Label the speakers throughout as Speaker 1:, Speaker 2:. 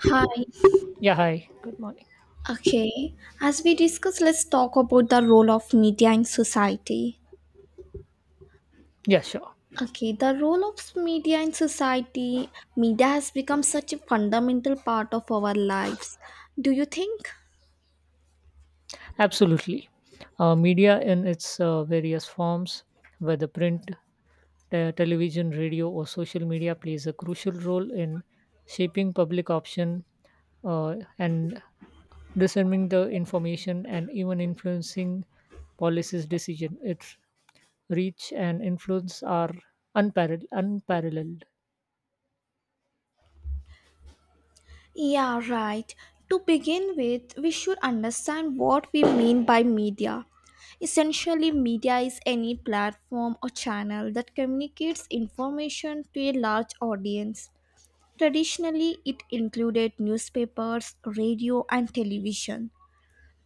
Speaker 1: Hi.
Speaker 2: Yeah, hi. Good morning.
Speaker 1: Okay. As we discuss, let's talk about the role of media in society.
Speaker 2: Yeah, sure.
Speaker 1: Okay, the role of media in society, media has become such a fundamental part of our lives. Do you think?
Speaker 2: Absolutely. Media in its various forms, whether print, television, radio, or social media, plays a crucial role in shaping public option and discerning the information and even influencing policies decision. Its reach and influence are unparalleled.
Speaker 1: Yeah, right. To begin with, we should understand what we mean by media. Essentially, media is any platform or channel that communicates information to a large audience. Traditionally, it included newspapers, radio, and television.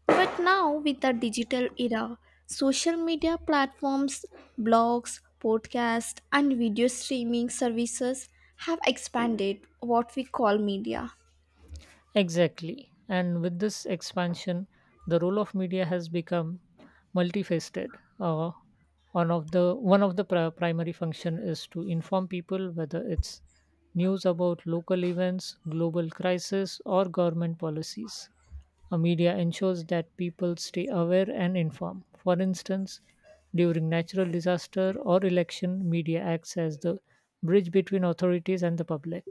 Speaker 1: But now, with the digital era, social media platforms, blogs, podcasts, and video streaming services have expanded what we call media.
Speaker 2: Exactly. And with this expansion, the role of media has become multifaceted. Uh, one of the primary function is to inform people whether it's news about local events, global crisis, or government policies. A media ensures that people stay aware and informed. For instance, during natural disaster or election, media acts as the bridge between authorities and the public.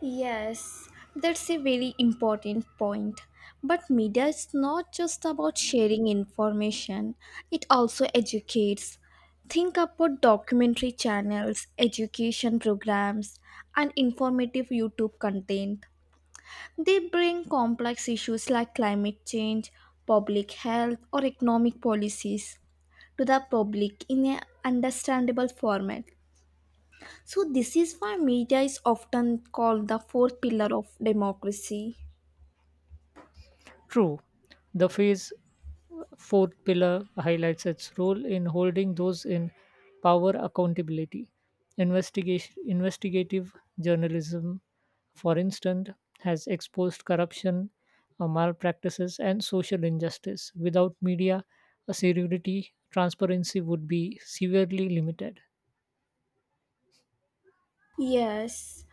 Speaker 1: Yes, that's a very important point. But media is not just about sharing information, it also educates. Think about documentary channels, education programs, and informative YouTube content. They bring complex issues like climate change, public health, or economic policies to the public in an understandable format. So, this is why media is often called the fourth pillar of democracy.
Speaker 2: True, the phase Fourth pillar highlights its role in holding those in power accountability. Investigative journalism, for instance, has exposed corruption, malpractices, and social injustice. Without media, a security transparency would be severely limited.
Speaker 1: Yes,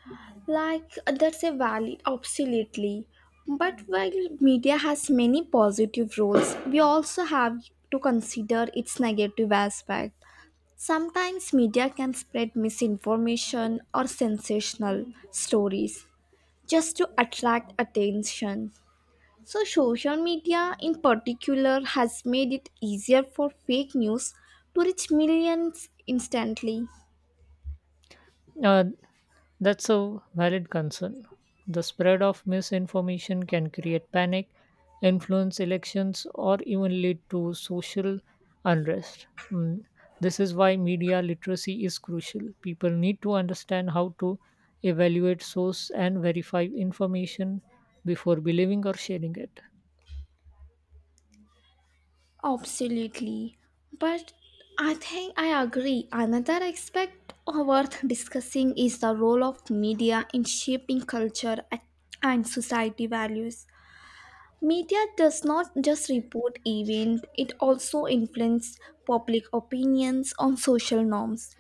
Speaker 1: like that's a valid, absolutely. But while media has many positive roles, we also have to consider its negative aspect. Sometimes media can spread misinformation or sensational stories just to attract attention. So, social media in particular has made it easier for fake news to reach millions instantly.
Speaker 2: Uh, That's a valid concern. The spread of misinformation can create panic, influence elections, or even lead to social unrest. This is why media literacy is crucial. People need to understand how to evaluate source and verify information before believing or sharing it.
Speaker 1: Absolutely. But I think I agree. Another aspect worth discussing is the role of media in shaping and society values. Media does not just report events, it also influences public opinions on social norms,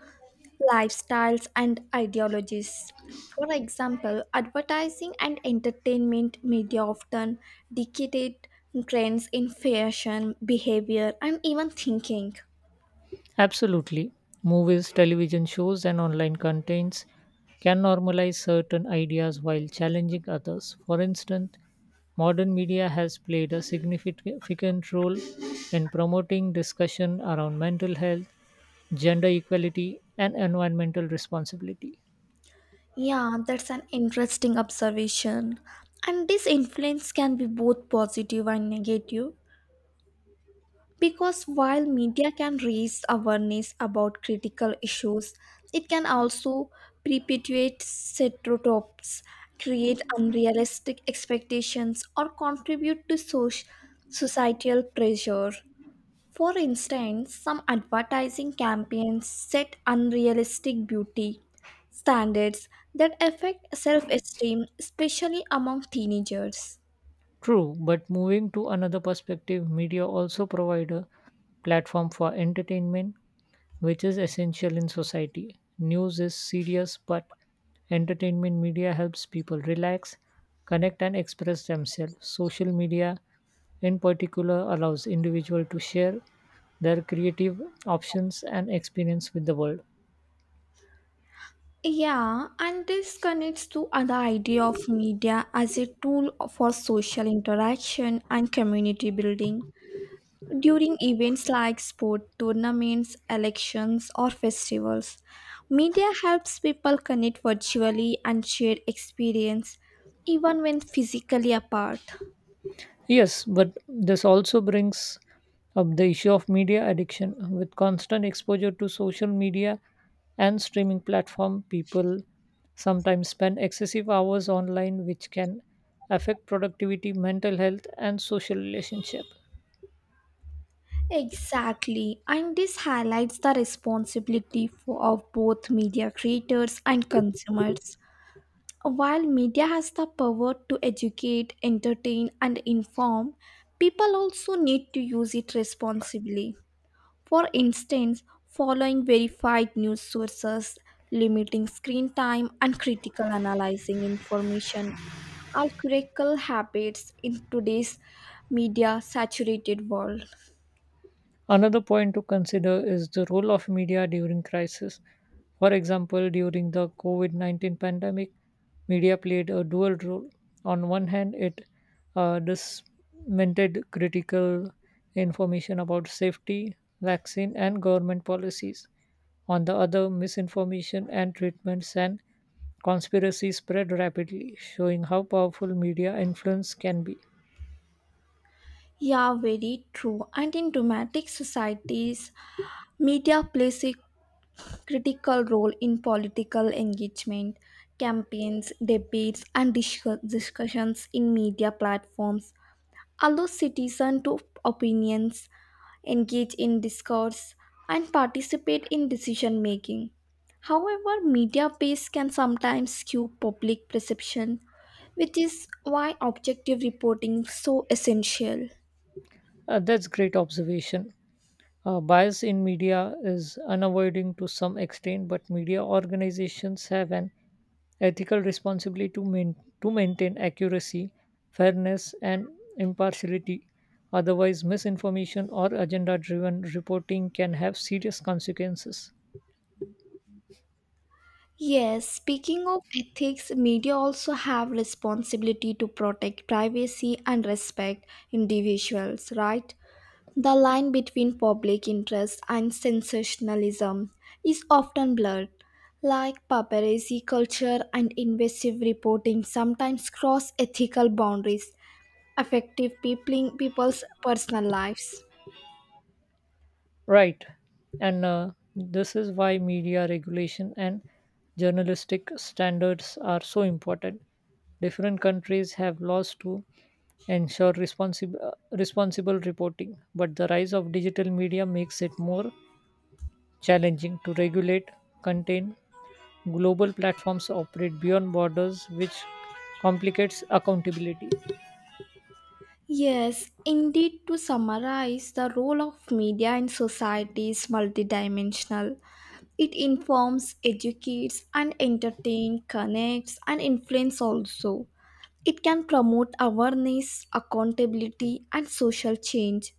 Speaker 1: lifestyles, and ideologies. For example, advertising and entertainment media often dictate trends in fashion, behavior, and even thinking.
Speaker 2: Absolutely. Movies, television shows, and online contents can normalize certain ideas while challenging others. For instance, modern media has played a significant role in promoting discussion around mental health, gender equality, and environmental responsibility.
Speaker 1: Yeah, that's an interesting observation. And this influence can be both positive and negative. Because while media can raise awareness about critical issues, it can also perpetuate stereotypes, create unrealistic expectations, or contribute to societal pressure. For instance, some advertising campaigns set unrealistic beauty standards that affect self esteem, especially among teenagers.
Speaker 2: True, but moving to another perspective, media also provide a platform for entertainment, which is essential in society. News is serious, but entertainment media helps people relax, connect, and express themselves. Social media, in particular, allows individuals to share their creative options and experience with the world.
Speaker 1: Yeah, and this connects to other idea of media as a tool for social interaction and community building during events like sport tournaments, elections, or festivals. Media helps people connect virtually and share experience even when physically apart.
Speaker 2: Yes, but this also brings up the issue of media addiction. With constant exposure to social media and streaming platform, people sometimes spend excessive hours online, which can affect productivity, mental health, and social relationship.
Speaker 1: Exactly, and this highlights the responsibility for, of both media creators and consumers. While media has the power to educate, entertain, and inform, people also need to use it responsibly. For instance, following verified news sources, limiting screen time, and critical analyzing information are critical habits in today's media saturated world.
Speaker 2: Another point to consider is the role of media during crisis. For example, during the COVID 19 pandemic, media played a dual role. On one hand, it disseminated critical information about safety, vaccine, and government policies. On the other, misinformation and treatments and conspiracies spread rapidly, showing how powerful media influence can be.
Speaker 1: Yeah, very true. And in democratic societies, media plays a critical role in political engagement. Campaigns, debates, and discussions in media platforms allow citizens to opinions, engage in discourse, and participate in decision making. However, media bias can sometimes skew public perception, which is why objective reporting is so essential.
Speaker 2: That's great observation. Bias in media is unavoidable to some extent, but media organizations have an ethical responsibility to maintain accuracy, fairness, and impartiality. Otherwise, misinformation or agenda driven reporting can have serious consequences.
Speaker 1: Yes, speaking of ethics, media also have responsibility to protect privacy and respect individuals, right? The line between public interest and sensationalism is often blurred. Like paparazzi culture and invasive reporting sometimes cross ethical boundaries, affecting people's personal lives.
Speaker 2: Right. And this is why media regulation and journalistic standards are so important. Different countries have laws to ensure responsible reporting, but the rise of digital media makes it more challenging to regulate, contain, global platforms operate beyond borders, which complicates accountability.
Speaker 1: Yes, indeed, to summarize, the role of media in society is multidimensional. It informs, educates, and entertains, connects, and influences also. It can promote awareness, accountability, and social change.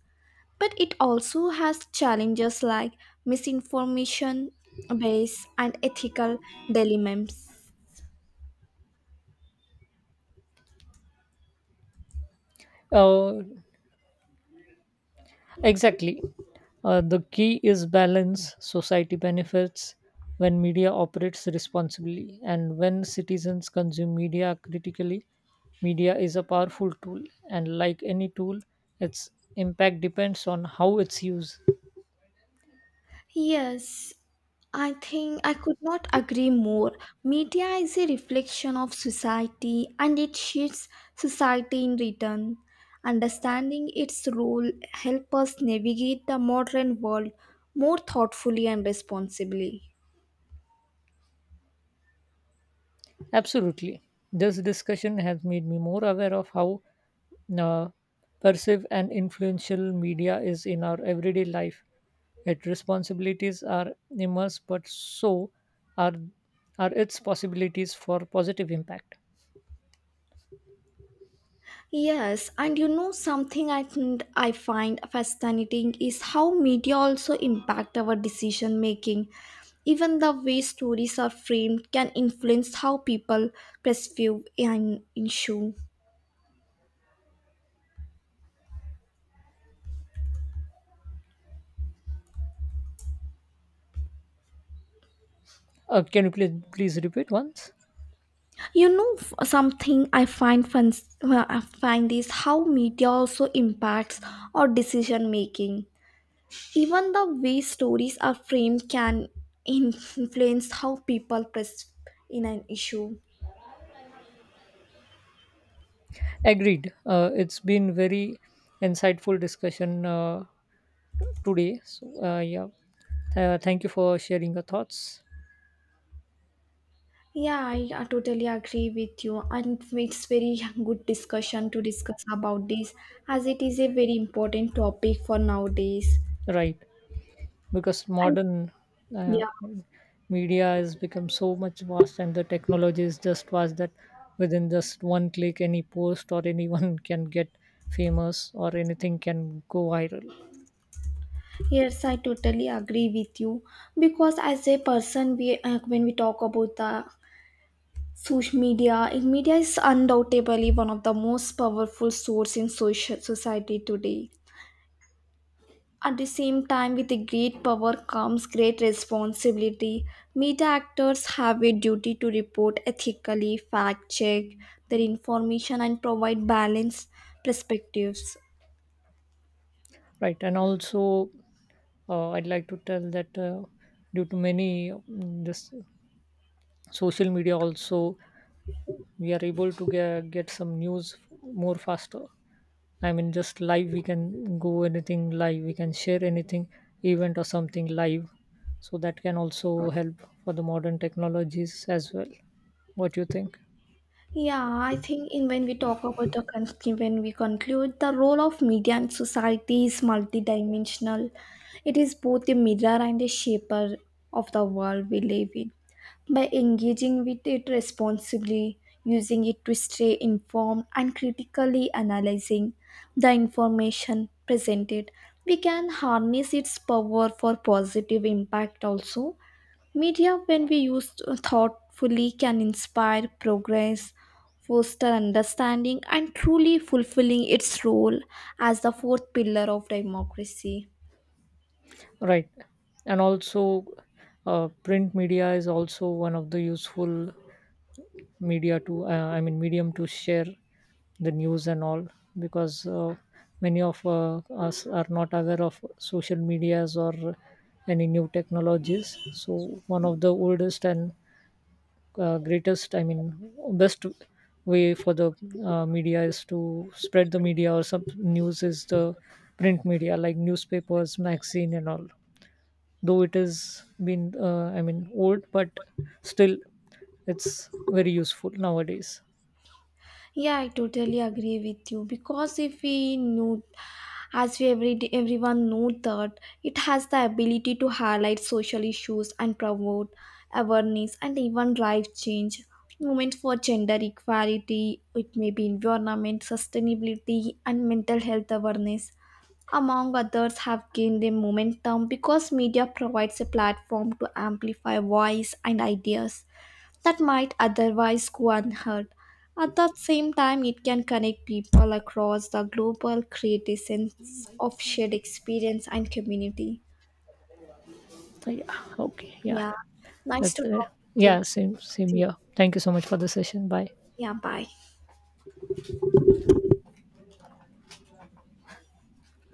Speaker 1: But it also has challenges like misinformation, bias, and ethical dilemmas.
Speaker 2: Uh, exactly. The key is balance. Society benefits when media operates responsibly, and when citizens consume media critically, media is a powerful tool. And like any tool, its impact depends on how it's used.
Speaker 1: Yes, I think I could not agree more. Media is a reflection of society and it shapes society in return. Understanding its role help us navigate the modern world more thoughtfully and responsibly.
Speaker 2: Absolutely. This discussion has made me more aware of how uh, perceive and influential media is in our everyday life. Its responsibilities are immense, but so are are its possibilities for positive impact.
Speaker 1: Yes, and you know something I think I find fascinating is how media also impact our decision making. Even the way stories are framed can influence how people perceive an issue.
Speaker 2: Can you please repeat once?
Speaker 1: Something I find fun, I find is how media also impacts our decision making. Even the way stories are framed can influence how people perceive in an issue.
Speaker 2: Agreed. It's been very insightful discussion today. So yeah, thank you for sharing your thoughts.
Speaker 1: Yeah, I totally agree with you, and it's very good discussion to discuss about this as it is a very important topic for nowadays.
Speaker 2: Right. Because
Speaker 1: And
Speaker 2: modern uh,
Speaker 1: yeah,
Speaker 2: media has become so much vast and the technology is just vast that within just one click any post or anyone can get famous or anything can go viral.
Speaker 1: yes, I totally agree with you because as a person, we when we talk about the social media, eh, media is undoubtedly one of the most powerful source in social society today. At the same time, with the great power comes great responsibility. Media actors have a duty to report ethically, fact check their information, and provide balanced perspectives.
Speaker 2: Right. And also, I'd like to tell that due to many this social media also we are able to get some news more faster. I mean, just live, we can go anything live, we can share anything, event or something live. So that can also help for the modern technologies as well. What you think?
Speaker 1: Yeah, I think in when we talk about the when we conclude, the role of media in society is multidimensional. It is both a mirror and a shaper of the world we live in, by engaging with it responsibly, using it to stay informed, and critically analyzing the information presented. We can harness its power for positive impact also. Media, when we use thoughtfully, can inspire progress, foster understanding, and truly fulfilling its role as the fourth pillar of democracy.
Speaker 2: Right. And also, print media is also one of the useful media to, I mean, medium to share the news and all because many of us are not aware of social medias or any new technologies. So one of the oldest and greatest, I mean best way for the media is to spread the media or some news is the print media like newspapers, magazine and all. Though it has been I mean old, but still it's very useful nowadays.
Speaker 1: Yeah, I totally agree with you because if we know, as we every day, everyone know that it has the ability to highlight social issues and promote awareness and even drive change movements for gender equality. It may be environment sustainability and mental health awareness. Among others, have gained a momentum because media provides a platform to amplify voice and ideas that might otherwise go unheard. At the same time, it can connect people across the global, create a sense of shared experience and community.
Speaker 2: So yeah, okay, yeah,
Speaker 1: Yeah, nice
Speaker 2: that's
Speaker 1: to
Speaker 2: it.
Speaker 1: talk with
Speaker 2: Yeah,
Speaker 1: you.
Speaker 2: same,
Speaker 1: Too.
Speaker 2: yeah, thank you so much for the session. Bye.
Speaker 1: Yeah, bye.